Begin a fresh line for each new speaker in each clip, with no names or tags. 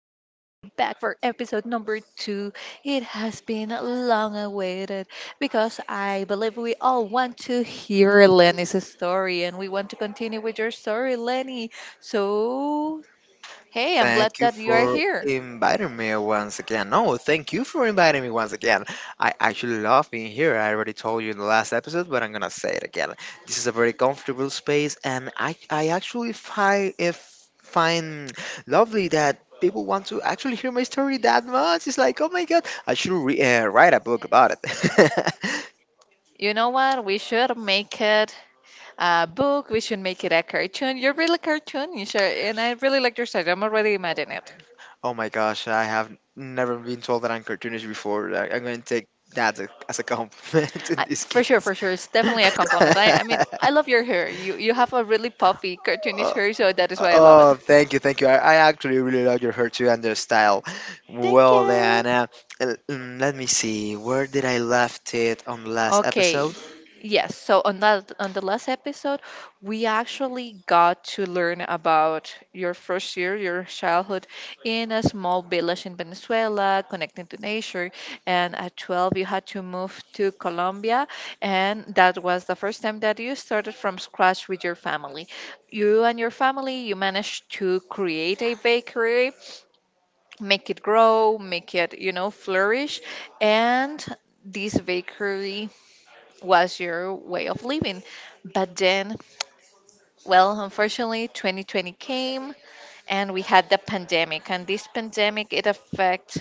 back for episode number two. It has been long awaited because I believe we all want to hear Lenny's story and we want to continue with your story, Lenny. So, hey, I'm glad
Thank you
that you are
for
here.
inviting me once again. No, thank you for inviting me once again. I actually love being here. I already told you in the last episode, but I'm gonna say it again. This is a very comfortable space, and I actually find if find lovely that people want to actually hear my story that much. It's like, oh my god, I should write a book about it.
You know what? We should make it a book. We should make it a cartoon. You're really cartoonish, and I really like your style. I'm already imagining it.
Oh my gosh, I have never been told that I'm cartoonish before. I'm going to take that as a compliment in
I,
this
for sure,
case.
for sure, it's definitely a compliment. I mean, I love your hair. You have a really puffy, cartoonish
Uh,
hair, so that is why I love it.
Oh, thank you, thank you. I actually really like your hair too and your style.
Thank
Well, then,
you.
uh, l- mm, let me see. Where did I left it on the last
Okay.
episode?
Yes. On the last episode, we actually got to learn about your first year, your childhood in a small village in Venezuela, connecting to nature. And at 12, you had to move to Colombia, and that was the first time that you started from scratch with your family. You and your family, you managed to create a bakery make it grow, make it, you know, flourish. And this bakery was your way of living. But then, well, unfortunately, 2020 came and we had the pandemic, and this pandemic it affects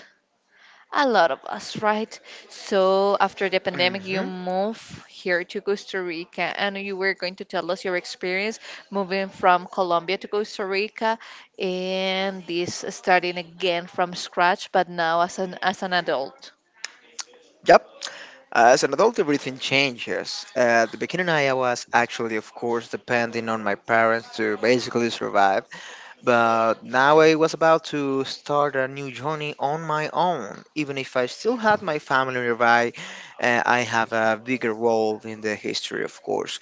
a lot of us, right? So after the pandemic, you
Hmm.
move here to Costa Rica, and you were going to tell us your experience moving from Colombia to Costa Rica, and this starting again from scratch, but now as an adult.
Yep. As an adult, everything changes. At the beginning, I was actually, of course, depending on my parents to basically survive. But now I was about to start a new journey on my own. Even if I still had my family nearby, I have a bigger role in the history, of course.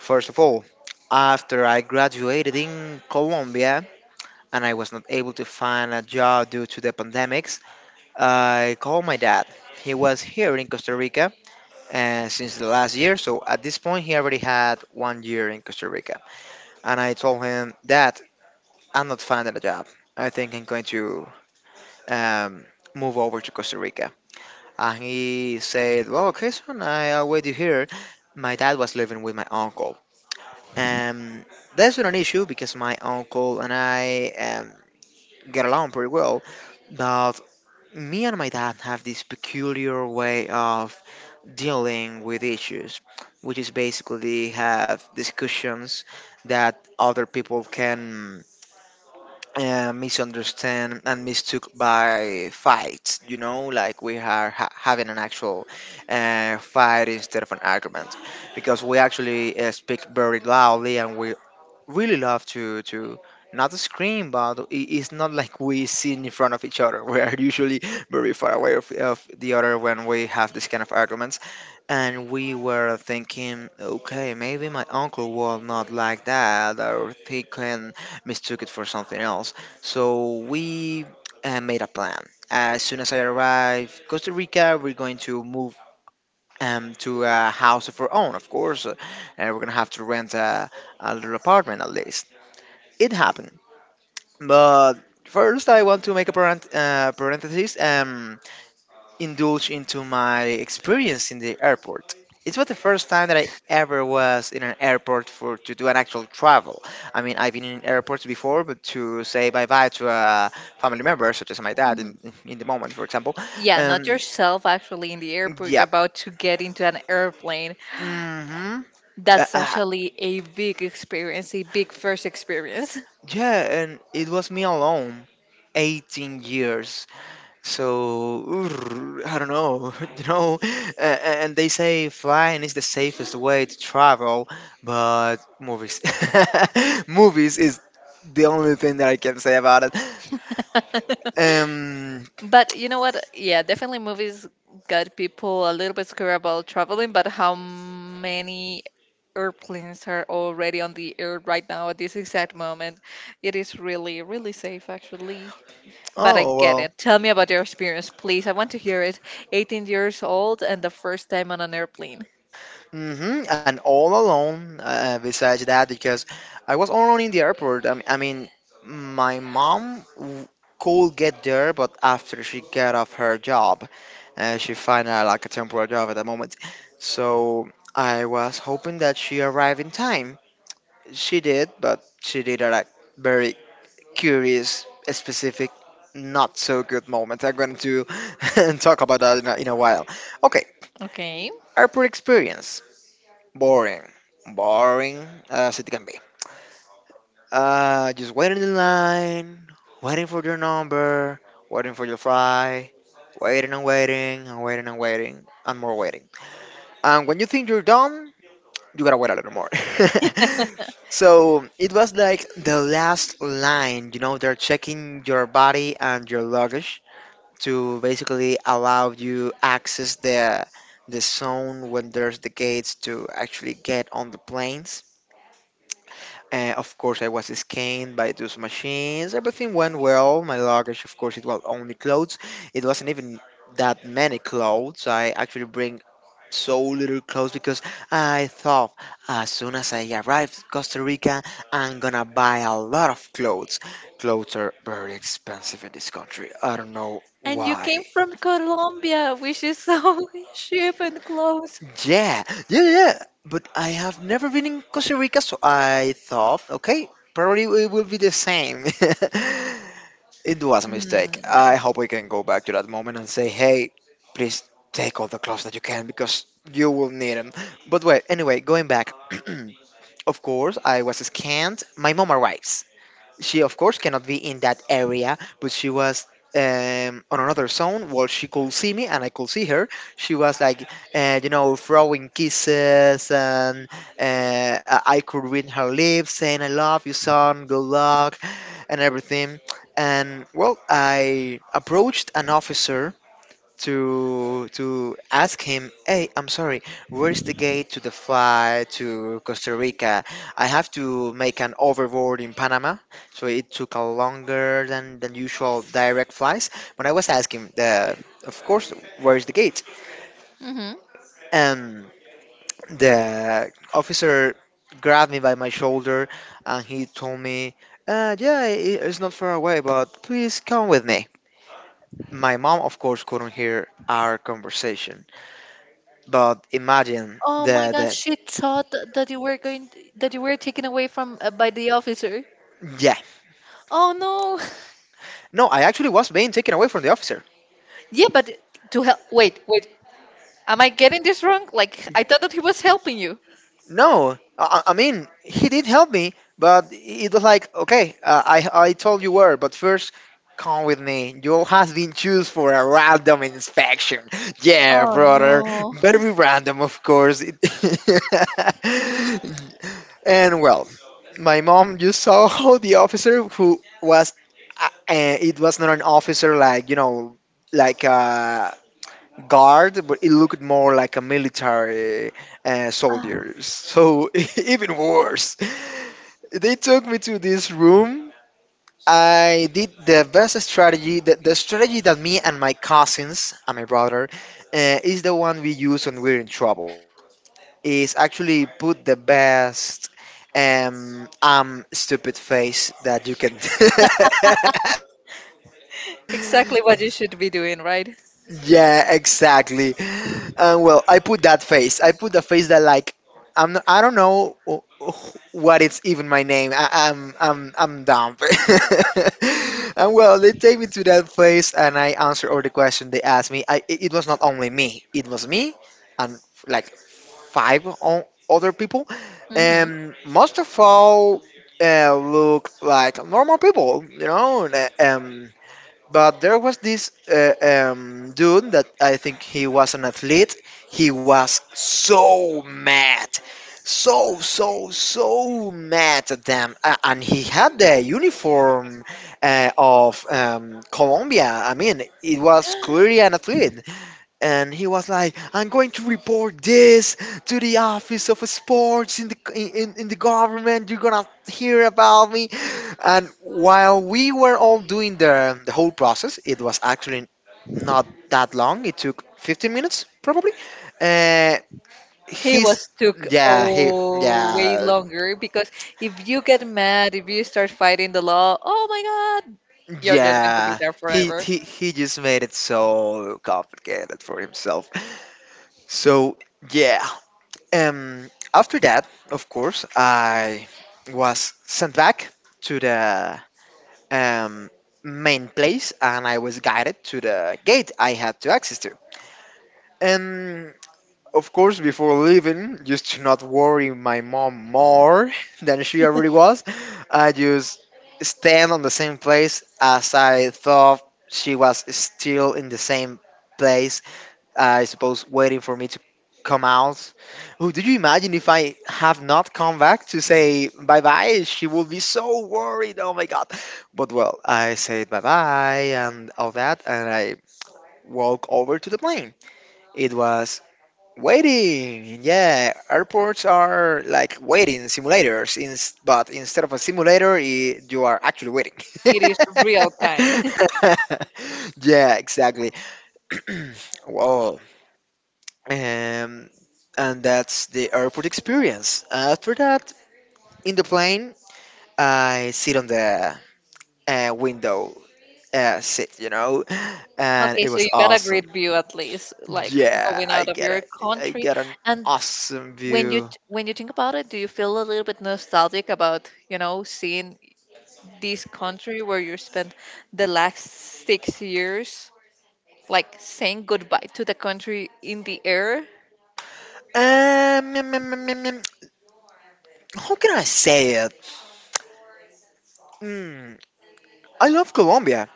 First of all, after I graduated in Colombia and I was not able to find a job due to the pandemics, I called my dad. He was here in Costa Rica since the last year, so at this point, he already had 1 year in Costa Rica. And I told him, Dad, I'm not finding a job. I think I'm going to um, move over to Costa Rica. And he said, Well, okay, son, I'll wait you here. My dad was living with my uncle. Um, that's not an issue because my uncle and I get along pretty well. But me and my dad have this peculiar way of dealing with issues, which is basically have discussions that other people can misunderstand and mistook by fights. You know, like we are having an actual fight instead of an argument, because we actually speak very loudly and we really love to not scream, but it's not like we sit in front of each other. We are usually very far away of the other when we have this kind of arguments. And we were thinking, okay, maybe my uncle will not like that, or he can mistook it for something else. So we made a plan. As soon as I arrive Costa Rica, we're going to move to a house of our own, of course. We're gonna have to rent a little apartment at least it happened. But first, I want to make a parenthesis and indulge into my experience in the airport. It was the first time that I ever was in an airport for to do an actual travel. I mean, I've been in airports before, but to say bye bye to a family member, such as my dad,
Mhm.
in the moment, for example.
Yeah, not
Um,
yourself actually in the airport
yeah.
about to get into an airplane.
Hmm. Uh,
That's
uh,
actually a big experience, a big first experience.
yeah, and it was me alone. 18 years. So ooh, I don't know, you know, a- and they say flying is the safest way to travel, but movies, movies is the only thing that I can say about it. Um,
But you know what? Yeah, definitely movies got people a little bit scared about traveling, but how many airplanes are already on the air right now at this exact moment? It is really, really safe, actually. But I
oh
get
well,
it. Tell me about your experience, please. I want to hear it. 18 years old and the first time on an airplane.
hmm. And all alone, besides that, because I was all alone in the airport. I mean my could get there, but after she got off her job, she found out like a temporary job at the moment. So I was hoping that she arrived in time. She did, but she did at a like very curious, specific, not so good moment. I'm going to talk about that in in a while. Okay,
Okay.
airport experience. Boring. Boring as it can be. Just waiting in line, waiting for your number, waiting for your fry, waiting and waiting and waiting and waiting and more waiting. And when you think you're done, you gotta wait a little more. So it was like the last line, you know, they're checking your body and your luggage to basically allow you access the zone when there's the gates to actually get on the planes. Of course, I was scanned by those machines. Everything went well. My luggage, of course, it was only clothes. It wasn't even that many clothes. I actually bring so little clothes because I thought as soon as I arrived in Costa Rica, I'm gonna buy a lot of clothes. Clothes are very expensive in this country. I don't know
And you came
why.
from Colombia, which is so cheap and close.
Yeah, yeah, yeah. But I have never been in Costa Rica, so I thought, okay, probably it will be the same. It was a
Mm,
mistake.
no.
I hope we can go back to that moment and say, hey, please take all the clothes that you can because you will need them. But wait, anyway, going back. Of course, I was scanned. My mom arrives, she of course cannot be in that area, but she was on another zone. Well, she could see me and I could see her. She was like, you know, throwing kisses, and I could read her lips saying, I love you son, good luck, and everything. And well, I approached an officer to ask him, "Hey, I'm sorry, where's the gate to the flight to Costa Rica? I have to make an overboard in Panama, so it took a longer than usual direct flights." When I was asking the, of course, where's the gate?
Hmm.
And the officer grabbed me by my shoulder and he told me, "Yeah, it's not far away, but please come with me." My mom, of course, couldn't hear our conversation. But imagine
Oh my
the
God,
the
she thought that you were going that you were taken away from by the officer.
yeah.
Oh no.
No, I actually was being taken away from the officer.
Yeah, but to help. Wait, wait. Am I getting this wrong? Like I thought that he was helping you.
No, I mean he did help me, but it was like okay, I told you where, but first come with me. You all has been choose for a random inspection. Yeah,
Oh
brother,
no.
very random, of course. It- and well, my mom just saw how the officer who was uh, uh, it was not an officer like you know like guard, but it looked more like a military
Ah,
soldiers. So even worse. They took me to this room. I did the best strategy, the strategy that me and my cousins and my brother is the one we use when we're in trouble. Is actually put the best stupid face that you can.
exactly what you should be doing, right?
Yeah, exactly. And well, I put that face. I put the face that like I'm. Not, I don't know what it's even my name. I'm I'm dumb. And well, they take me to that place, and I answer all the question they asked me. It was not only me. It was me and like five other people. And most of all, look like normal people. You know. Um. But there was this dude that I think he was an athlete. He was so mad, so mad at them, and he had the uniform of Colombia. I mean, it was clearly an athlete and he was like, "I'm going to report this to the office of sports in in the government. You're gonna hear about me." And while we were all doing the whole process, it was actually not that long. It took 15 minutes probably. Uh,
He
he's
was took
yeah he
oh way
yeah
longer because if you get mad, if you start fighting the law, oh my god, you're just going to be
yeah.
there
He,
forever.
he, he just made it so complicated for himself. So, yeah. After that, of course, I was sent back to the um, main place and I was guided to the gate I had to access to. And of course, before leaving, just to not worry my mom more than she already was, I just stand on the same place as I thought she was still in the same place, I suppose, waiting for me to come out. Oh, do you imagine if I have not come back to say bye bye? She will be so worried. Oh my god. But well, I said bye bye and all that, and I walk over to the plane. It was waiting. Yeah, airports are like waiting simulators, but instead of a simulator, you are actually waiting.
It is real time.
Yeah, exactly. Whoa, um, and that's the airport experience. After that, in the plane, I sit on the window seat, you know, and
Okay,
it
so
was
you got a
awesome.
great view at least, like
Yeah,
going out of your
I
country.
get an
And
awesome
when
view.
when you think about it, do you feel a little bit nostalgic about, you know, seeing this country where you spent the last 6 years, like saying goodbye to the country in the air?
Um, mm, mm, mm, mm, mm, how can I say it? Mm, I love Colombia,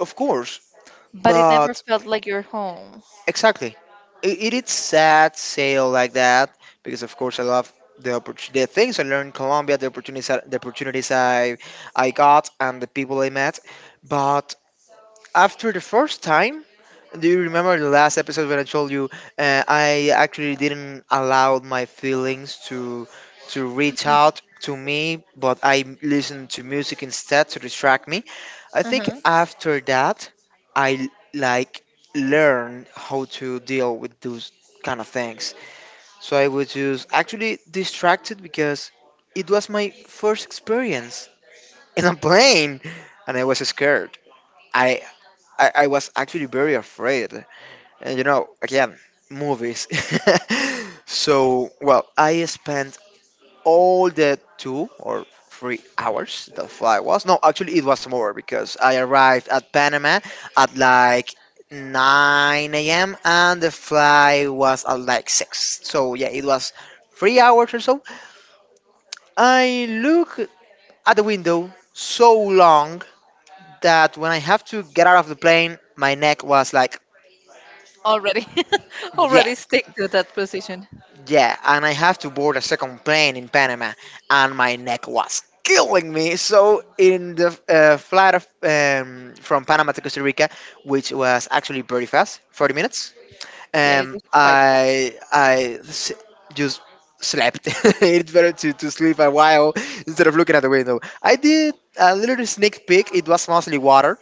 of course,
But it never
but
felt like your home.
Exactly. It is sad sale like that because of course I love the opportunity, the things I learned in Colombia, the opportunities, the opportunities I got, and the people I met. But after the first time, do you remember the last episode when I told you I actually didn't allow my feelings to reach
Mhm,
out to me, but I listened to music instead to distract me? I think
mhm.
after that, I like learned how to deal with those kind of things. So I was just actually distracted because it was my first experience in a plane, and I was scared. I I was actually very afraid. And you know, again, movies. So, well, I spent all the 2 or 3 hours the flight was. No, actually, it was more because I arrived at Panama at like 9 a.m. and the flight was at like 6. So, yeah, it was 3 hours or so. I look at the window so long that when I have to get out of the plane, my neck was like,
Already,
yeah.
already stick to that position.
Yeah, and I have to board a second plane in Panama, and my neck was killing me. So in the flight from Panama to Costa Rica, which was actually pretty fast, 40 minutes,
Yeah, it
um,
is quite fast.
I I s- just slept. It's better to sleep a while instead of looking at the window. I did a little sneak peek. It was mostly water.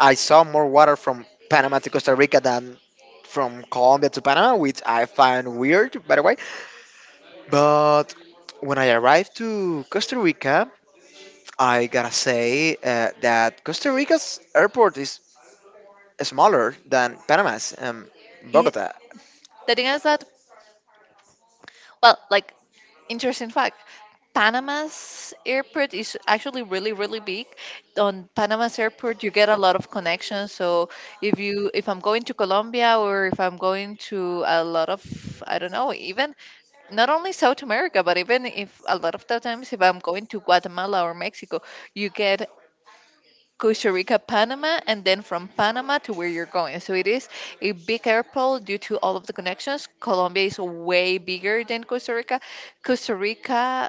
I saw more water from Panama to Costa Rica than from Colombia to Panama, which I find weird, by the way. But when I arrived to Costa Rica, I gotta say that Costa Rica's airport is smaller than Panama's,
It,
Bogota.
the thing is that, well, like interesting fact, Panama's airport is actually really, really big. On Panama's airport, you get a lot of connections. So if I'm going to Colombia or if I'm going to a lot of, I don't know, even not only South America, but even if a lot of the times if I'm going to Guatemala or Mexico, you get Costa Rica, Panama, and then from Panama to where you're going. So it is a big airport due to all of the connections. Colombia is way bigger than Costa Rica. Costa Rica,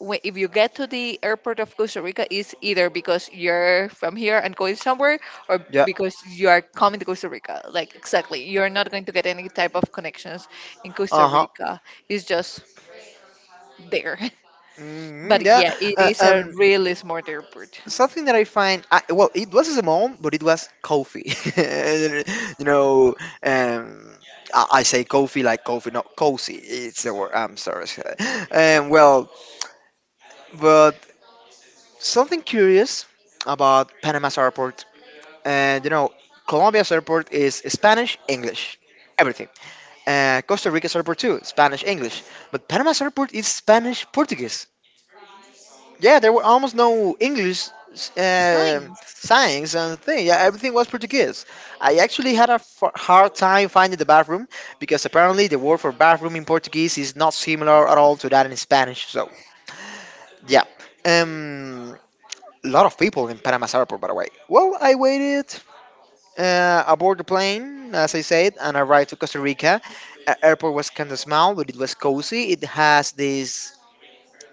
if you get to the airport of Costa Rica, is either because you're from here and going somewhere, or
Yeah.
because you are coming to Costa Rica. Like exactly, you're not going to get any type of connections in
Uh
Costa
huh.
Rica. It's just there.
Hmm,
But
yeah.
yeah, it
Uh,
is a
um.
really smart airport.
Something that I find, well, it was small, but it was coffee. You know, um, I say coffee like coffee, not cozy. It's the word. I'm sorry. Well, but something curious about Panama's airport. And you know, Colombia's airport is Spanish, English, everything. Costa Rica's airport too, Spanish, English. But Panama's airport is Spanish, Portuguese. Yeah, there were almost no English uh,
Science.
signs and thing. Yeah, everything was Portuguese. I actually had a hard time finding the bathroom because apparently the word for bathroom in Portuguese is not similar at all to that in Spanish. So yeah, um, lot of people in Panama's airport, by the way. Well, I waited, aboard the plane, as I said, and arrived to Costa Rica. Airport was kind of small, but it was cozy. It has this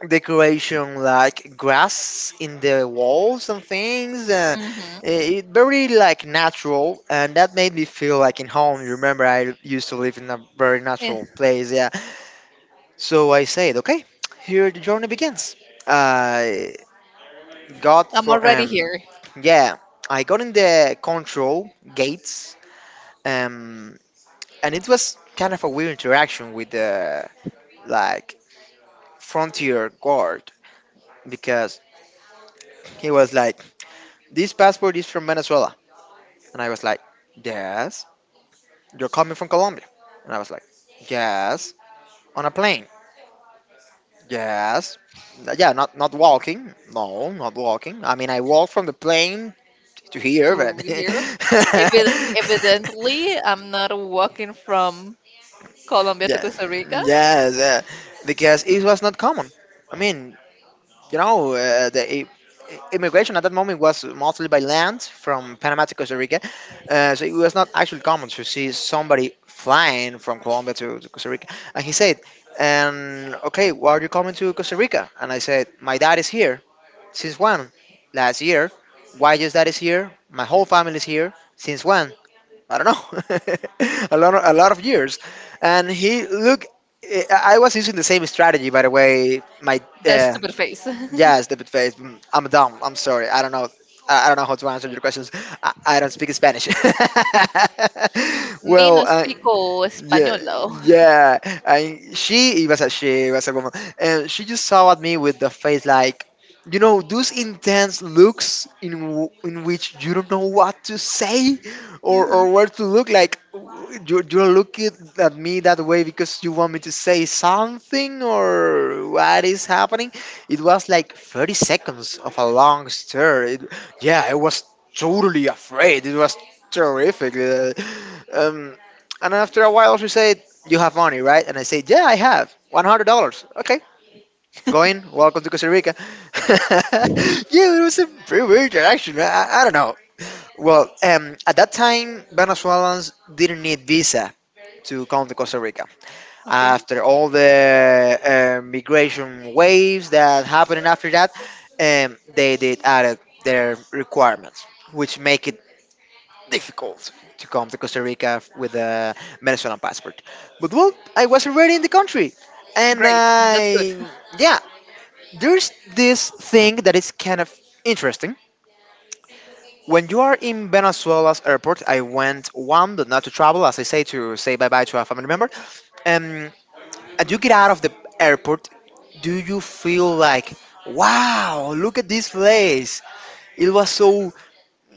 decoration like grass in the walls and things. Uh,
Hmm.
eh, it, very like natural, and that made me feel like in home. You remember, I used to live in a very natural place. Yeah. So I said, okay, here the journey begins. I got
I'm
for
already here
Yeah, I got in the control gates. Um, and it was kind of a weird interaction with the like frontier guard because he was like, "This passport is from Venezuela," and I was like, "Yes." You're coming from Colombia, and I was like, "Yes." On a plane, yes. Yeah, not walking. No, not walking. I mean, I walked from the plane to here,
to
but
here. Evidently, I'm not walking from Colombia to
yeah,
Costa Rica.
yes, because it was not common. I mean, you know, immigration at that moment was mostly by land from Panama to Costa Rica. So it was not actually common to see somebody flying from Colombia to Costa Rica. And he said, okay, why are you coming to Costa Rica? And I said, my dad is here. Since when? Last year. Why your dad is here? My whole family is here. Since when? I don't know. A lot of years. And he looked. I was using the same strategy, by the way. My
That
uh,
stupid face.
Yes, the buffet. Mm, I'm dumb. I'm sorry. I don't know. I don't know how to answer your questions. I don't speak Spanish.
Me no
Well,
explico
yeah,
español.
yeah. And she it was a she, it was a woman, and she just saw at me with the face like, you know, those intense looks in which you don't know what to say or
Mm-hmm.
or where to look. Like you're looking at me that way because you want me to say something or what is happening. It was like 30 seconds of a long stare. Yeah, I was totally afraid. It was terrific. Um, and after a while, she said, "You have money, right?" And I said, "Yeah, I have $100." Okay, going. Welcome to Costa Rica. Yeah, it was a pretty weird interaction. I don't know. Well, at that time, Venezuelans didn't need visa to come to Costa Rica.
Okay.
After all the migration waves that happened after that, they did add their requirements, which make it difficult to come to Costa Rica with a Venezuelan passport. But well, I was already in the country, and
Great. That's good.
I yeah, there's this thing that is kind of interesting. When you are in Venezuela's airport, I went one, but not to travel, as I say, to say bye bye to a family member. Um, and you get out of the airport, do you feel like, wow, look at this place? It was so.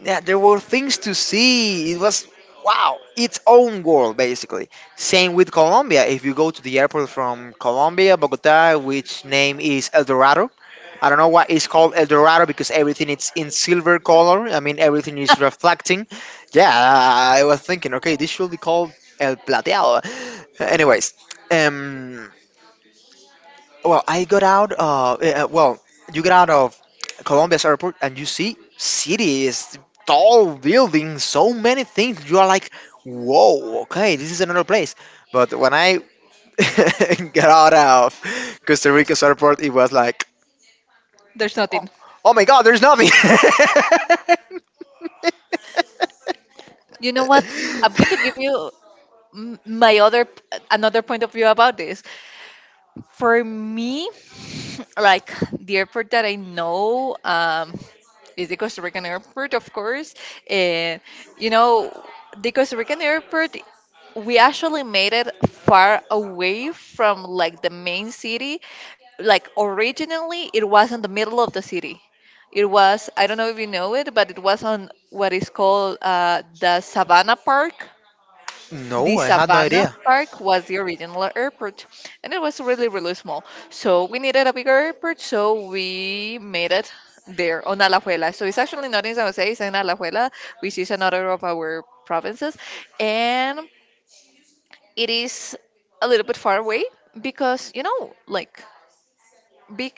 Yeah, there were things to see. It was wow, its own world basically. Same with Colombia. If you go to the airport from Colombia, Bogota, which name is El Dorado. I don't know why it's called El Dorado because everything is in silver color. I mean, everything is reflecting. Yeah, I was thinking, okay, this should be called El Plateado. Anyways, um, well, I got out. Well, you get out of Colombia's airport and you see cities, tall buildings, so many things. You are like, whoa, okay, this is another place. But when I got out of Costa Rica's airport, it was like,
There's
oh,
nothing.
oh my God, there's nothing.
You know what? I'm going to give you m- my other another point of view about this. For me, like the airport that I know is the Costa Rican airport, of course. And you know, the Costa Rican airport, we actually made it far away from like the main city. Like originally, it was in the middle of the city. It was I don't know if you know it, but it was on what is called the Savannah Park.
No,
The
I had no
Savannah
idea.
Park was the original airport, and it was really, really small. So we needed a bigger airport, so we made it there on Alajuela. So it's actually not in San Jose, it's in Alajuela, which is another of our provinces, and it is a little bit far away because you know, like big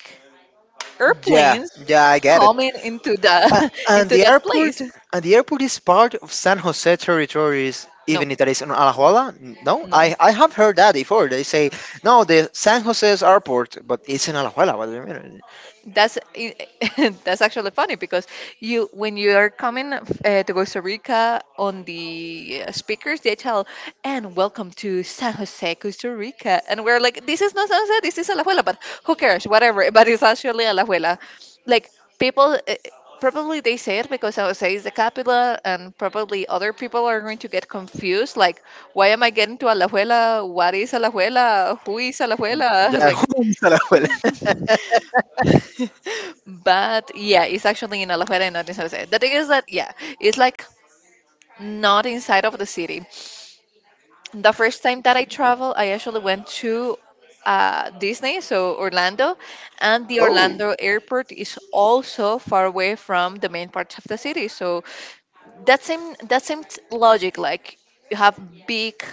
Yeah,
airplanes
yeah, I get it.
coming into
A-
the
and
into
the
that
airport
place.
and the airport is part of San Jose territories,
No,
even if that is in Alajuela. No,
no.
I have heard that before. They say no, the San Jose's airport, but it's in Alajuela. What do you mean?
that's i- that's actually funny because you when you are coming to Costa Rica on the speakers they tell and welcome to San Jose Costa Rica and we're like this is not San Jose, this is Alajuela, but who cares whatever. But it's actually Alajuela. Like people probably they say it because San Jose is the capital and probably other people are going to get confused like why am I getting to Alajuela, what is Alajuela, who is Alajuela?
Yeah,
Like
who owns Alajuela?
but yeah, it's actually in Alajuela and not in San Jose. The thing is that yeah, it's like not inside of the city. The first time that I traveled, I actually went to Disney, so Orlando, and the
Oh,
Orlando airport is also far away from the main parts of the city. So that same logic like you have big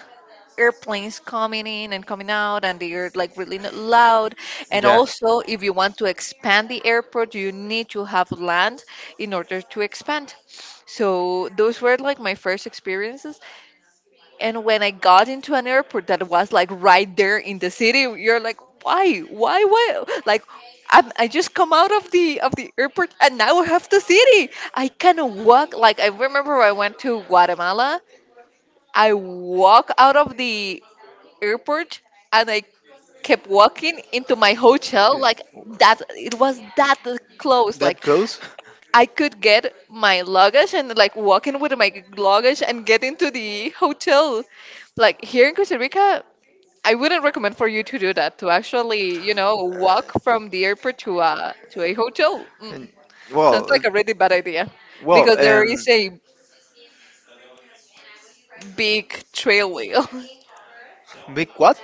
airplanes coming in and coming out and they're like really loud, and
yeah,
also if you want to expand the airport you need to have land in order to expand. So those were like my first experiences, and when I got into an airport that was like right there in the city, you're like, why, why? Like, I'm, I just come out of the airport and now I have the city. I can walk. Like I remember I went to Guatemala. I walk out of the airport and I kept walking into my hotel. Like that, it was that close.
that
Like
close.
I could get my luggage and like walk in with my luggage and get into the hotel. Like here in Costa Rica, I wouldn't recommend for you to do that. To actually, you know, walk from the airport to a hotel. Mm.
And-
Sounds like
Well,
a really bad idea
well,
because there is
um,
a big trail wheel.
big what?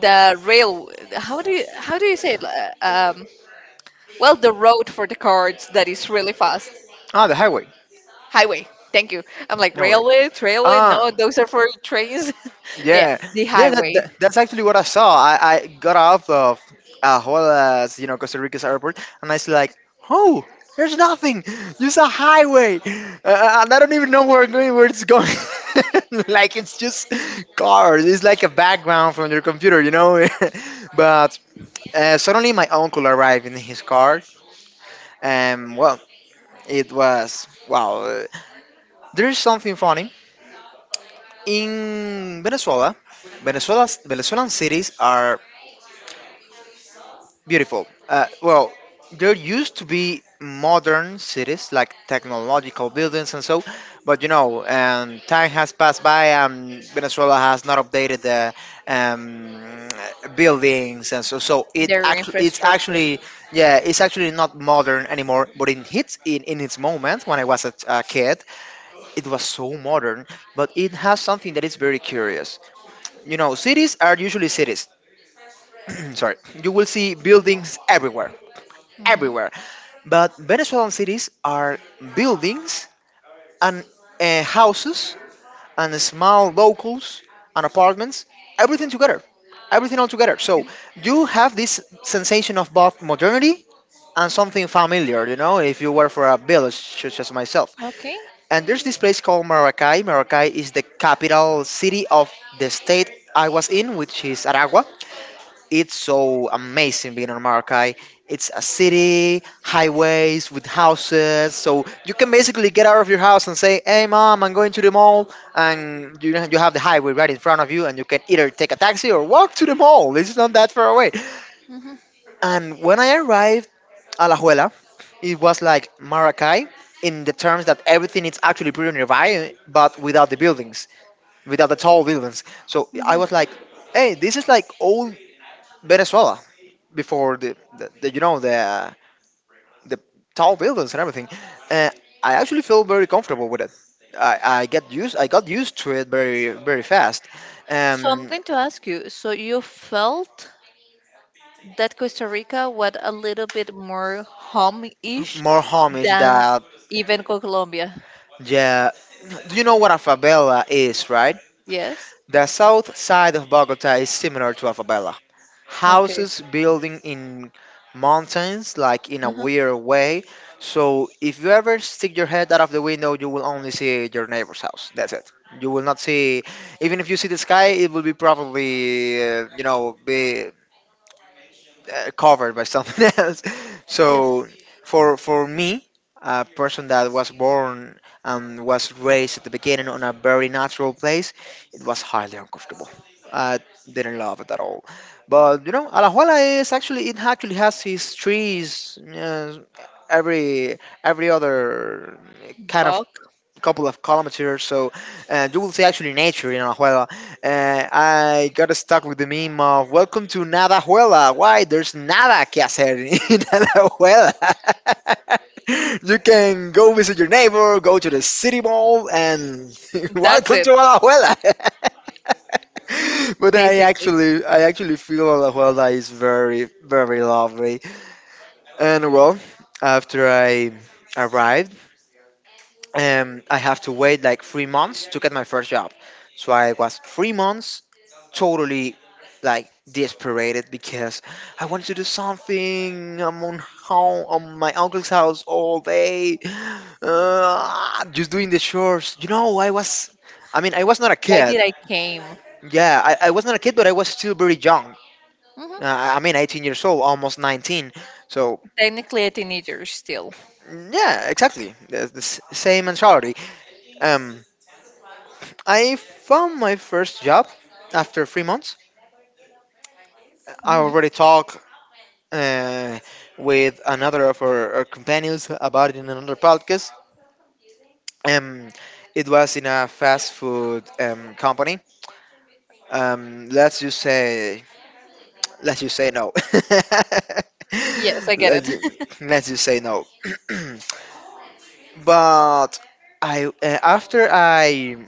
The rail, how do you say it? Um, well, the road for the cars that is really fast.
Ah, the highway.
Highway. Thank you. I'm like
No worry.
railway, railway.
Ah,
No, those are for trains. Yeah,
Yeah,
the
yeah, that,
highway,
that that's actually what I saw. I got off of Juarez, you know, Costa Rica's airport, and I was like, oh, there's nothing. Just a highway, and I don't even know where I'm going, where it's going. Like it's just cars. It's like a background from your computer, you know. But suddenly, my uncle arrived in his car, and well, it was wow. There is something funny in Venezuela. Venezuela's Venezuelan cities are beautiful. Well, there used to be modern cities like technological buildings and so, but you know, time has passed by and Venezuela has not updated the um, buildings and so. So
their
it's
infrastructure.
actually, yeah, it's actually not modern anymore. But in its moment, when I was a kid, it was so modern. But it has something that is very curious. You know, cities are usually cities. Sorry, you will see buildings everywhere,
Hmm.
everywhere. But Venezuelan cities are buildings and houses and small locals and apartments, everything together, everything all together. So you have this sensation of both modernity and something familiar, you know, if you were for a village such as myself.
Okay,
And there's this place called Maracay. Maracay is the capital city of the state I was in, which is Aragua. It's so amazing being on Maracay. It's a city, highways with houses, so you can basically get out of your house and say, "Hey, mom, I'm going to the mall," and you have the highway right in front of you, and you can either take a taxi or walk to the mall. It's not that far away. And when I arrived at Alajuela, it was like Maracay in the terms that everything is actually pretty nearby, but without the buildings, without the tall buildings. So I was like, hey, this is like old Venezuela before the you know the tall buildings and everything. uh, I actually feel very comfortable with it. I got used to it very very fast.
so I'm
um
going to ask you. So you felt that Costa Rica was a little bit more home-ish
more homage
than
that.
even Colombia.
Yeah. Do you know what a favela is, right?
Yes.
The south side of Bogota is similar to Alfabella.
Okay.
Houses building in mountains, like in a
Uh-huh.
weird way. So if you ever stick your head out of the window, you will only see your neighbor's house. That's it. You will not see, even if you see the sky, it will be probably, be covered by something else.
Yes.
So for me, a person that was born and was raised at the beginning on a very natural place, it was highly uncomfortable. I didn't love it at all. But you know, Alajuela is actually has his trees. Every other kind of
Fuck.
couple of columns here. So you will see actually nature in Alajuela. I got stuck with the meme of "Welcome to Nadajuela." Why there's nada que hacer in Alajuela? You can go visit your neighbor, go to the city mall, and
That's
welcome
it,
to Alajuela. But
basically.
I actually feel Alajuela is very, very lovely. And well, after I arrived, I have to wait like 3 months to get my first job. So I was 3 months totally like desperate because I wanted to do something. I'm on home on my uncle's house all day, just doing the chores. I was not a
Why
kid.
did I came?
Yeah, I was not a kid, but I was still very young.
Hmm.
I mean, 18 years old, almost 19. So
Technically a teenager still.
yeah, exactly, the same mentality. Um, I found my first job after 3 months. I
Hmm.
already talked uh, with our companions about it in another podcast. Um, it was in a fast food company. Um, let's just say, let's just say no.
Yes, I get
let's, ju-
it.
let's just say no. But I after I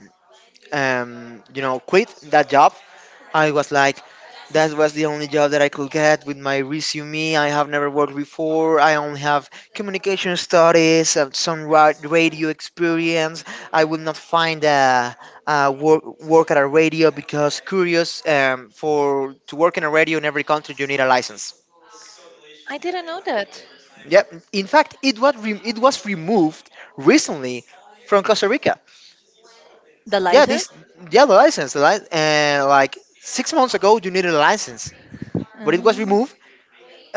you know quit that job, I was like, that was the only job that I could get with my resume. I have never worked before. I only have communication studies, radio experience. I would not find a work at a radio because curious for to work in a radio in every country you need a license.
I didn't know that.
Yep. In fact, it was removed recently from Costa Rica.
The
Yeah,
license?
this yeah the license like 6 months ago you needed a license, but it was
Mm,
removed.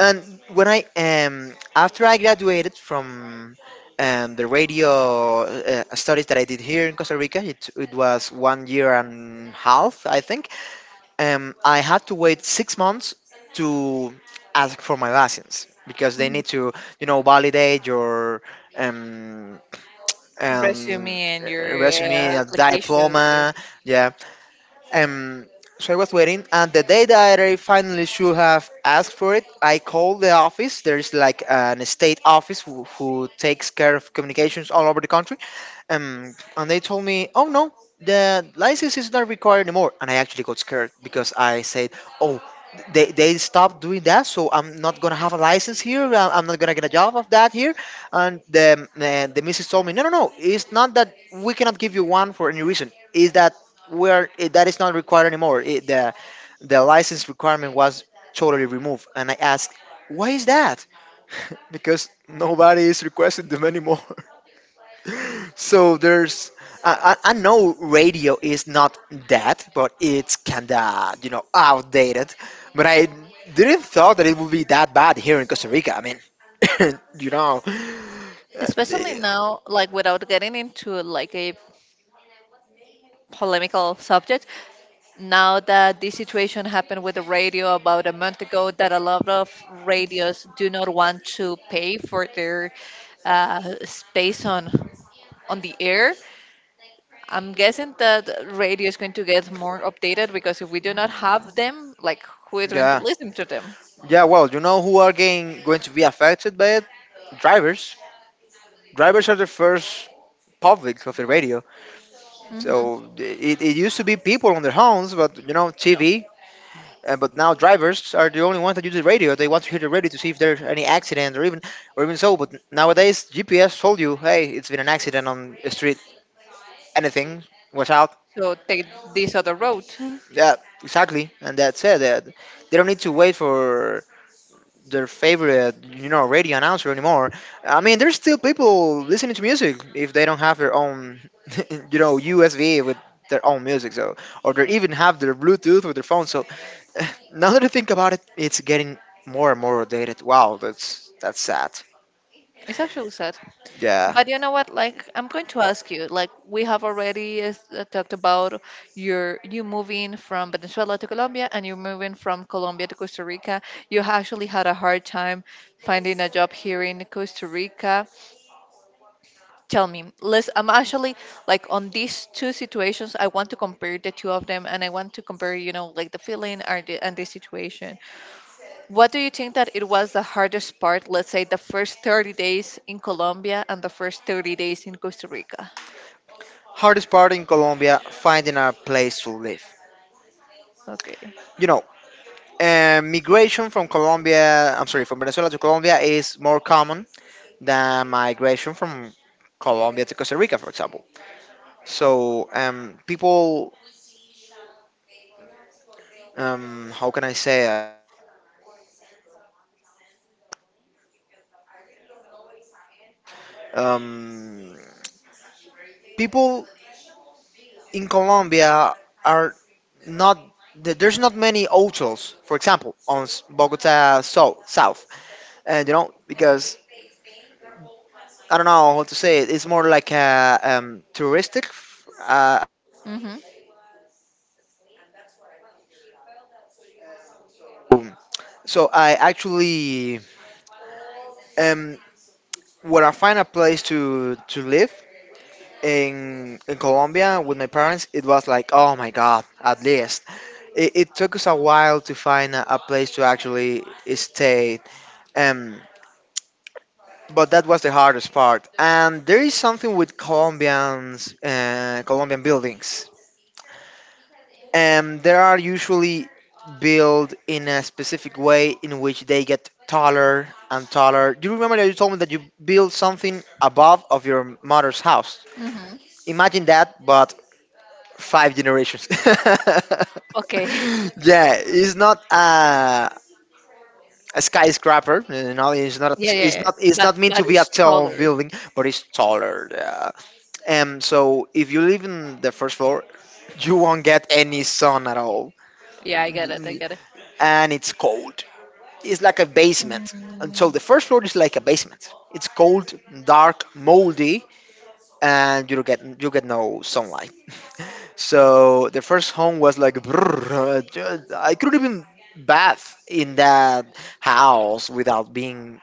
And when I after I graduated from the radio studies that I did here in Costa Rica, it was 1 year and half, I think. I had to wait 6 months to ask for my license because they
mhm.
need to, you know, validate your um, um,
Resume and your
resume, a
applications. Or...
diploma, yeah, um, so I was waiting, and the day that I finally should have asked for it, I called the office. There is like an state office who takes care of communications all over the country, and they told me, "Oh no, the license is not required anymore." And I actually got scared because I said, "Oh." They stopped doing that, so I'm not gonna have a license here. I'm not gonna get a job of that here. And the missus told me, no, no, no. It's not that we cannot give you one for any reason. Is that that is not required anymore. It, The license requirement was totally removed, and I asked, why is that? Because nobody is requesting them anymore. So there's I know radio is not that, but it's kinda you know outdated. But I didn't thought that it would be that bad here in Costa Rica. I mean, you know, uh,
Especially now, like without getting into like a polemical subject, now that this situation happened with the radio about a month ago, that a lot of radios do not want to pay for their space on the air. I'm guessing that radio is going to get more updated because if we do not have them, like who is going to
yeah,
listen to them?
yeah. Well, you know who are getting going to be affected by it? Drivers. Drivers are the first public of the radio.
Hmm.
So it used to be people on their homes, but you know,
No.
TV. But now drivers are the only ones that use the radio. They want to hear the radio to see if there's any accident or even so. But nowadays, GPS told you, hey, it's been an accident on the street. Anything, watch out.
So take this other road.
Yeah, exactly. And that's it. They don't need to wait for their favorite, you know, radio announcer anymore. I mean, there's still people listening to music if they don't have their own, you know, USB with their own music, so or they even have their Bluetooth with their phone. So now that I think about it, it's getting more and more outdated. Wow, that's sad.
It's actually sad.
Yeah.
But you know what? Like, I'm going to ask you. Like, we have already talked about you moving from Venezuela to Colombia, and you're moving from Colombia to Costa Rica. You actually had a hard time finding a job here in Costa Rica. Tell me, let's. I'm actually like on these two situations. I want to compare the two of them, and I want to compare, you know, like the feeling and and the situation. What do you think that it was the hardest part, let's say the first 30 days in Colombia and the first 30 days in Costa Rica?
Hardest part in Colombia, finding a place to live.
Okay.
You know, migration from Colombia, I'm sorry, from Venezuela to Colombia is more common. The migration from Colombia to Costa Rica, for example. So how can I say it? Um, People in Colombia are not there's not many hotels, for example, on Bogota so, South, and you know because I don't know how to say it. It's more like a touristic. Uh,
Mhm.
um, so I actually um, when I find a place to live, in Colombia with my parents, it was like, oh my god, at least. It took us a while to find a place to actually stay, um, but that was the hardest part. And there is something with Colombians, Colombian buildings. They are usually built in a specific way in which they get taller and taller. Do you remember that you told me that you built something above of your mother's house?
Mhm.
Imagine that, but five generations.
Okay.
Yeah, it's not a skyscraper. You know, it's not.
Yeah, yeah,
It's
yeah.
not. It's not meant to
But
be a
it's
tall
taller.
building, but it's taller. Yeah. So if you live in the first floor, you won't get any sun at all,
Yeah, I get it. I get it.
and it's cold. It's like a basement. And so
Mm,
the first floor is like a basement. It's cold, dark, moldy, and you get no sunlight. So the first home was like brrr, I couldn't even bath in that house without being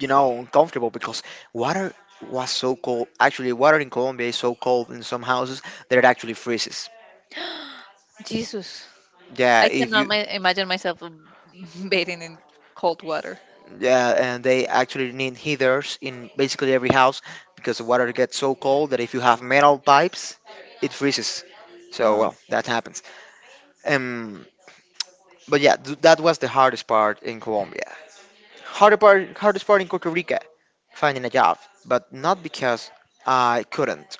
you know uncomfortable because water was so cold. Actually, water in Colombia is so cold in some houses that it actually freezes.
Jesus.
Yeah,
I
if
cannot
you
imagine myself bathing in cold water.
yeah, and they actually need heaters in basically every house because the water gets so cold that if you have metal pipes, it freezes. So
Oh.
well, that happens. Um, But yeah, that was the hardest part in Colombia. Hardest part in Costa Rica, finding a job. But not because I couldn't,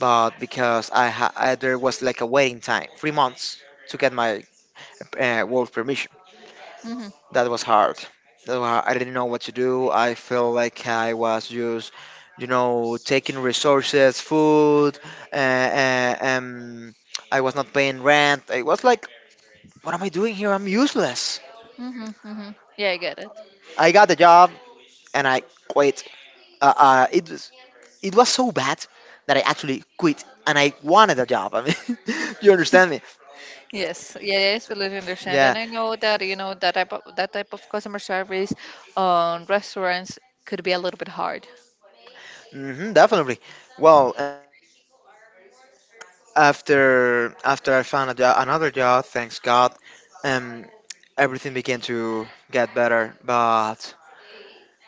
but because I there was like a waiting time, 3 months to get my work permission.
Mhm.
That was hard. I didn't know what to do. I felt like I was just, you know, taking resources, food, uh, uh, um, I was not paying rent. I was like, what am I doing here? I'm useless.
Mhm. Mhm. Yeah, I get it.
I got the job, and I quit. It was it was so bad that I actually quit and I wanted a job. I mean, you understand me?
Yes, yeah, yes, fully understand,
Yeah,
and I know that you know that type of customer service on restaurants could be a little bit hard.
hmm definitely. Well, after I found another job, thanks God, um, everything began to get better. But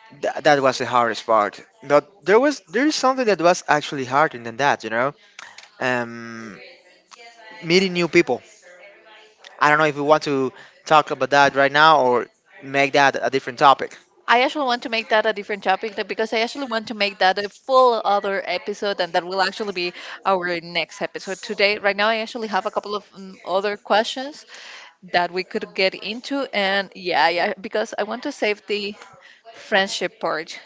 that was the hardest part. But there is something that was actually harder than that, you know, um, meeting new people. I don't know if we want to talk about that right now or make that a different topic.
I actually want to make that a different topic because I actually want to make that a full other episode, and that will actually be our next episode. Today, right now, I actually have a couple of other questions that we could get into, and yeah, yeah, because I want to save the friendship part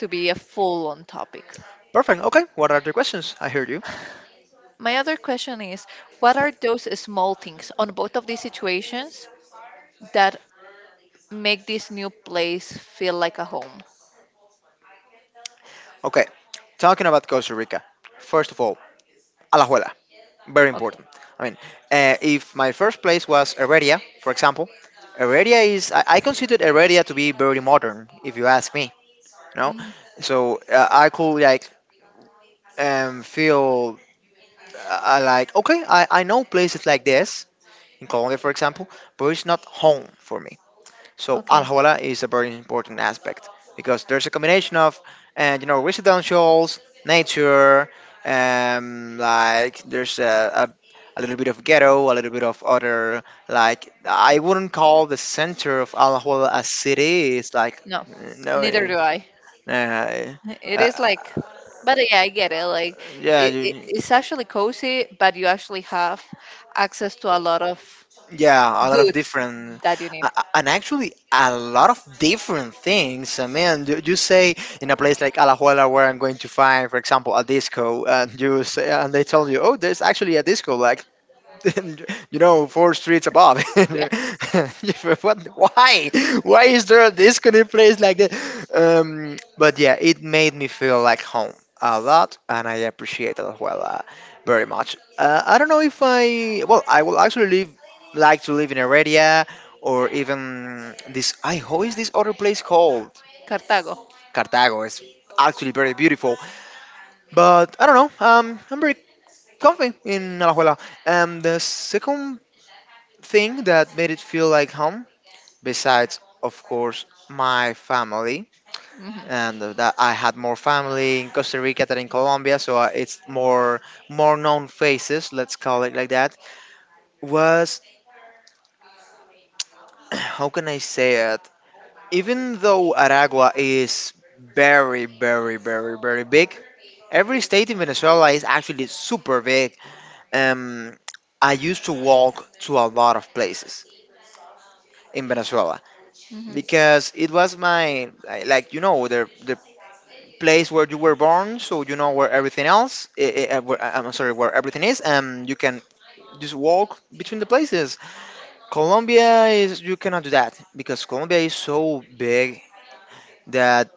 to be a full on topic.
Perfect. Okay. What are the questions? I heard you.
My other question is, what are those small things on both of these situations that make this new place feel like a home?
Okay. Talking about Costa Rica. First of all, Alajuela. Very
Okay.
important. I mean, if my first place was Heredia, for example, Heredia is, I considered Heredia to be very modern, if you ask me. No?
Mm,
So I could like feel like, okay, I know places like this, in Colombia, for example, but it's not home for me. So Al
okay.
Hawala is a very important aspect because there's a combination of, and you know, residentials, nature, like there's a little bit of ghetto, a little bit of other, like I wouldn't call the center of Al Hawala a city. It's like
No, neither
no,
do I.
uh,
It
uh,
is like, but yeah, I get it. Like,
yeah,
it's actually cozy, but you actually have access to a lot of
yeah, a lot of
goods
different,
that you need.
and actually a lot of different things. I mean, you say in a place like Alajuela where I'm going to find, for example, a disco, and you say, and they tell you, oh, there's actually a disco like and, you know, four streets above.
Yeah.
What, why? Why is there a disco in place like that? But yeah, it made me feel like home a lot, and I appreciate it as well very much. I don't know if I, well, I will actually live, like to live in Heredia or even this, I, how is this other place called?
Cartago.
Cartago is actually very beautiful. But I don't know. I'm very comfy in Alajuela. And the second thing that made it feel like home, besides, of course, my family,
Mm-hmm.
and that I had more family in Costa Rica than in Colombia, so it's more known faces, let's call it like that, was how can I say it? Even though Aragua is very, very, very, very big, every state in Venezuela is actually super big. Um, I used to walk to a lot of places in Venezuela
Mm-hmm.
because it was like you know the place where you were born, so you know where everything else. I'm sorry, where everything is, and you can just walk between the places. Colombia is you cannot do that because Colombia is so big that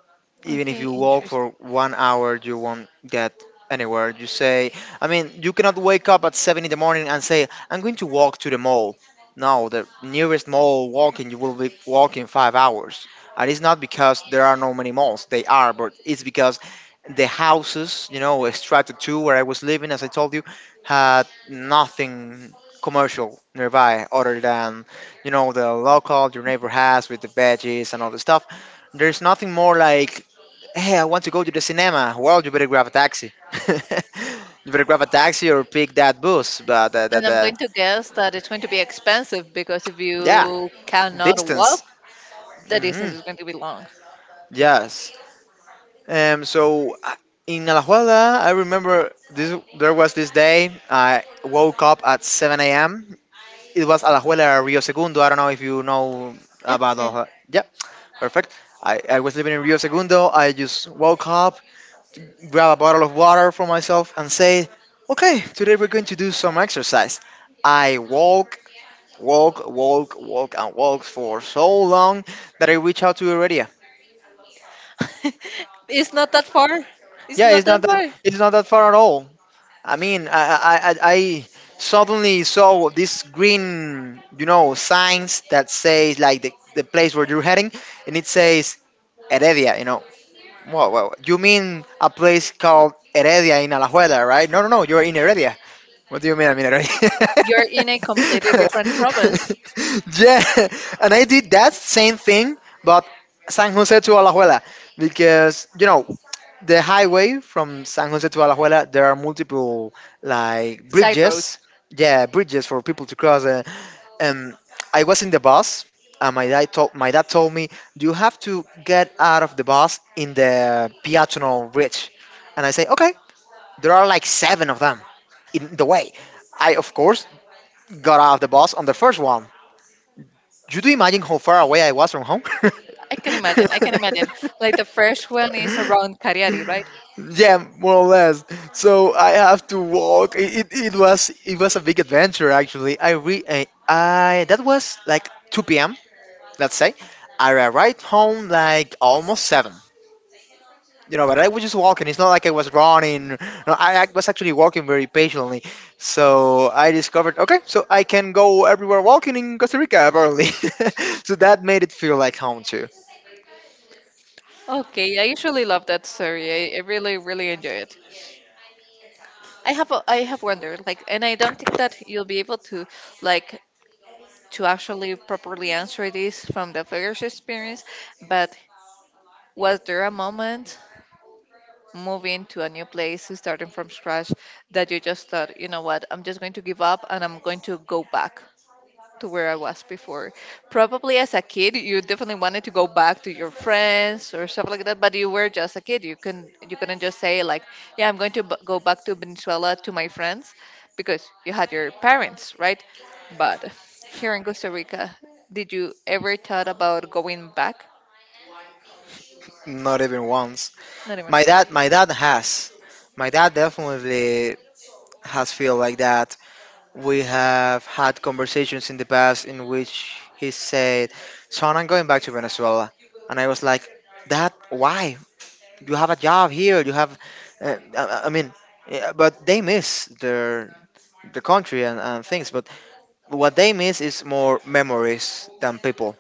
even if
Okay,
you walk
interesting.
for 1 hour, you won't get anywhere. You say, I mean, you cannot wake up at 7 in the morning and say, I'm going to walk to the mall. No, the nearest mall walking, you will be walking 5 hours. And it's not because there are no many malls, they are, but it's because the houses, you know, Strato 2, where I was living, as I told you, had nothing commercial nearby other than, you know, the local your neighbor has with the veggies and all the stuff. There's nothing more like hey, I want to go to the cinema. Well, you better grab a taxi. You better grab a taxi or pick that bus. But the, the,
And I'm
the
going to guess that it's going to be expensive because if
yeah,
you cannot walk,
distance.
the distance
Hmm.
is going to be long.
Yes. Um. So uh, in Alajuela, I remember this. There was this day I woke up at 7 a.m. It was Alajuela or Rio Segundo. I don't know if you know
Yeah,
about
yeah.
Alajuela. Yeah, perfect. I was living in Rio Segundo. I just woke up, grab a bottle of water for myself, and say, okay, today we're going to do some exercise. I walk, walk, walk, walk, and walk for so long that I reach out to Heredia.
It's not that far. It's
Yeah,
not that far.
it's not that far at all. I mean, I suddenly saw these green, you know, signs that say like the place where you're heading, and it says Heredia. You know, you mean a place called Heredia in Alajuela, right? No, no, no, you're in Heredia. What do you mean? I mean, I already.
You're in a completely different province.
Yeah, and I did that same thing, but San Jose to Alajuela, because you know the highway from San Jose to Alajuela, there are multiple like
Side roads.
bridges. Yeah, bridges for people to cross. And I was in the bus, and my dad told me you have to get out of the bus in the peatonal bridge, and I say okay. There are like seven of them in the way. I, of course, got out of the bus on the first one. You do imagine how far away I was from home?
I can imagine. I can imagine. Like the first one is around Cariari, right?
Yeah, more or less. So I have to walk. It, it was a big adventure actually. I that was like 2 p.m. Let's say I arrived home like almost seven. You know, but I was just walking. It's not like I was running. No, I was actually walking very patiently. So I discovered, okay, so I can go everywhere walking in Costa Rica, apparently. So that made it feel like home too.
Okay, I usually love that story. I really, really enjoy it. I have a, I have wondered, like, and I don't think that you'll be able to, like, to actually properly answer this from the first experience. But was there a moment moving to a new place, starting from scratch, that you just thought, you know what, I'm just going to give up and I'm going to go back to where I was before? Probably as a kid, you definitely wanted to go back to your friends or stuff like that, but you were just a kid. You couldn't just say like, yeah, I'm going to go back to Venezuela to my friends, because you had your parents, right? But here in Costa Rica, did you ever thought about going back?
Not even once.
Not even.
My dad has. My dad definitely has feel like that. We have had conversations in the past in which he said, "Son, I'm going back to Venezuela," and I was like, "Dad, why? You have a job here you have I mean yeah, but they miss their the country and things but what they miss is more memories than people,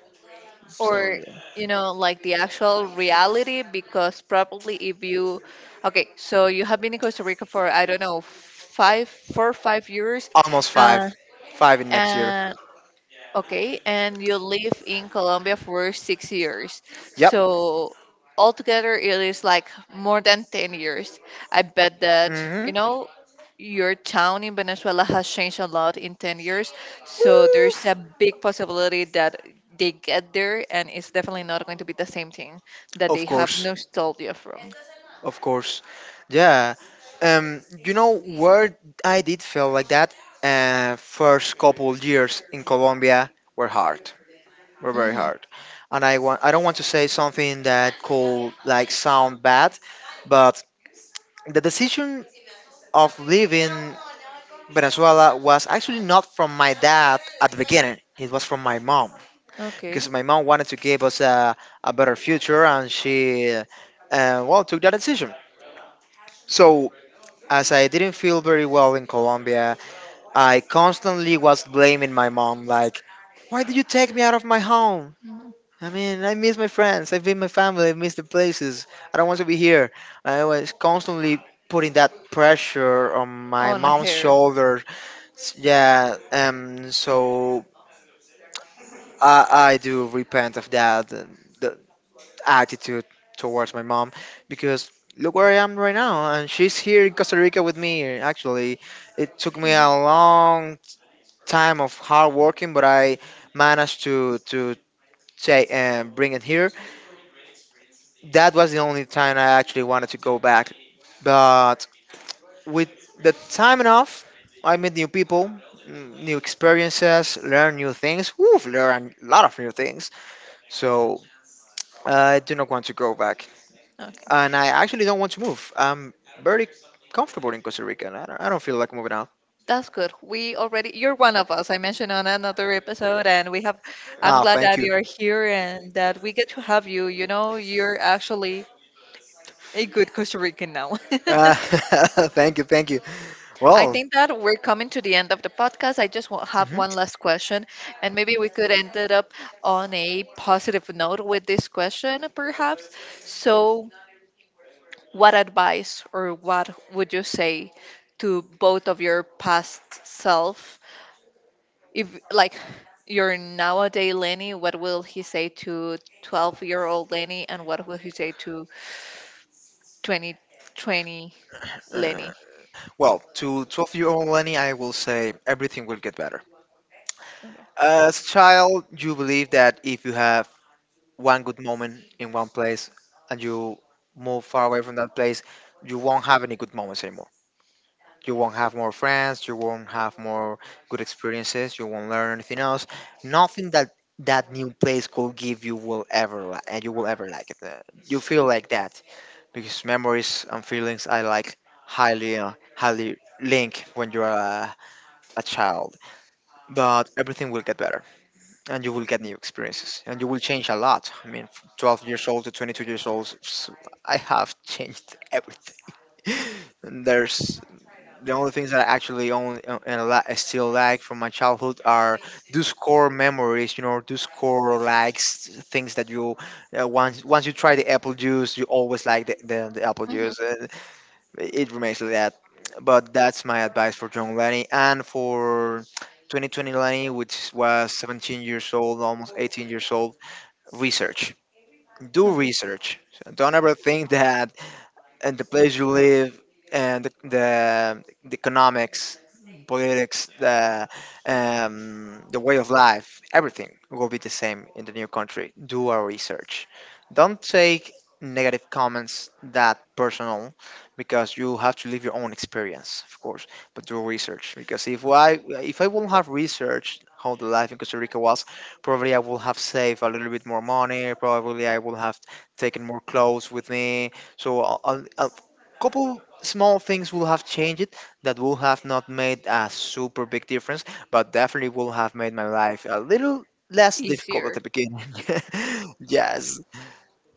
so
Or,
yeah.
you know, like the actual reality, because probably if you, okay, so you have been in Costa Rica for, I don't know, five, four or five years,
Almost
uh,
five. Five in next year.
and okay, and you live in Colombia for six years.
Yep.
So altogether, it is like more than 10 years. I bet that,
Mhm.
you know, your town in Venezuela has changed a lot in 10 years. So
Hmm.
there's a big possibility that they get there and it's definitely not going to be the same thing that
Of
they have
course,
nostalgia from.
of course. Yeah. You know where I did feel like that? First couple years in Colombia were hard, were very
Mm-hmm.
hard. And I don't want to say something that could like sound bad, but the decision of leaving Venezuela was actually not from my dad at the beginning. It was from my mom,
Okay.
because my mom wanted to give us a better future, and she well took that decision. So as I didn't feel very well in Colombia, I constantly was blaming my mom like. Why did you take me out of my home?
Mhm.
I mean, I miss my friends. I miss my family. I miss the places. I don't want to be here. I was constantly putting that pressure on my
On
mom's
hair.
shoulder. Yeah, so I, I do repent of that, the attitude towards my mom, because look where I am right now, and she's here in Costa Rica with me. Actually, it took me a long time of hard working, but I managed to take and bring it here. That was the only time I actually wanted to go back. But with the time enough, I meet new people, new experiences, learn new things. Woof, learn a lot of new things. So I do not want to go back,
Okay.
and I actually don't want to move. I'm very comfortable in Costa Rica, and I don't feel like moving out.
That's good. We already, you're one of us. I mentioned on another episode, and we have, I'm
Ah,
glad
thank
that
you.
you're here and that we get to have you. You know, you're actually a good Costa Rican now.
Thank you, thank you.
I
Well,
think that we're coming to the end of the podcast. I just have
mhm.
one last question, and maybe we could end it up on a positive note with this question, perhaps. So, what advice or what would you say to both of your past self, if like your nowadays Lenny, what will he say to 12 year old Lenny and what will he say to 2020
Uh,
Lenny?
well, to 12 year old Lenny, I will say everything will get better.
Okay.
As a child, you believe that if you have one good moment in one place and you move far away from that place, you won't have any good moments anymore. You won't have more friends, you won't have more good experiences, you won't learn anything else. Nothing that that new place could give you will ever and you will ever like it. You feel like that because memories and feelings I like highly link when you're a child. But everything will get better and you will get new experiences and you will change a lot. I mean, from 12 years old to 22 years old, I have changed everything. And there's the only things that I actually I still like from my childhood are those core memories, you know, those core likes things that you once you try the apple juice you always like the apple
Mhm.
juice. It remains like that. But that's my advice for John Lenny, and for 2020 Lenny, which was 17 years old, almost 18 years old. Research. Do
Okay.
research. Don't ever think that and the place you live and the economics, politics, the way of life, everything will be the same in the new country. Do our research. Don't take negative comments that personal, because you have to live your own experience, of course, but do research, because if I if I wouldn't have researched how the life in Costa Rica was, probably I would have saved a little bit more money, probably I would have taken more clothes with me. So a couple small things will have changed that will have not made a super big difference, but definitely will have made my life a little less difficult at
Easier.
the beginning. Yes,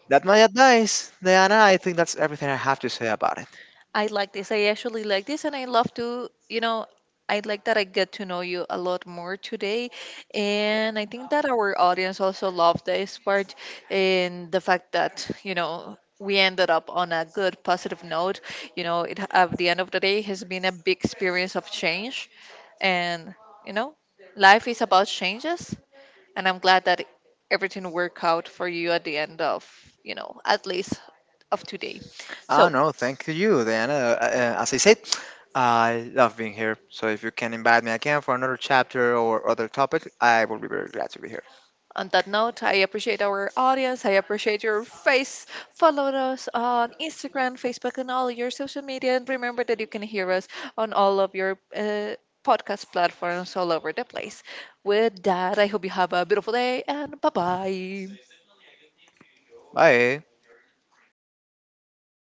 that's my advice, Diana. I think that's everything I have to say about it.
I like this. I actually like this, and I love to, you know, I like that I get to know you a lot more today. And I think that our audience also loved this part and the fact that, you know, we ended up on a good positive note. You know, it at the end of the day has been a big experience of change. And, you know, life is about changes. And I'm glad that everything worked out for you at the end of, you know, at least of today.
Ah,
So,
no, thank you, Diana. As I said. I love being here, so if you can invite me again for another chapter or other topic, I will be very glad to be here.
on that note, I appreciate our audience. I appreciate your face. Follow us on Instagram, Facebook, and all your social media. And remember that you can hear us on all of your podcast platforms all over the place. With that, I hope you have a beautiful day and bye bye.
Bye.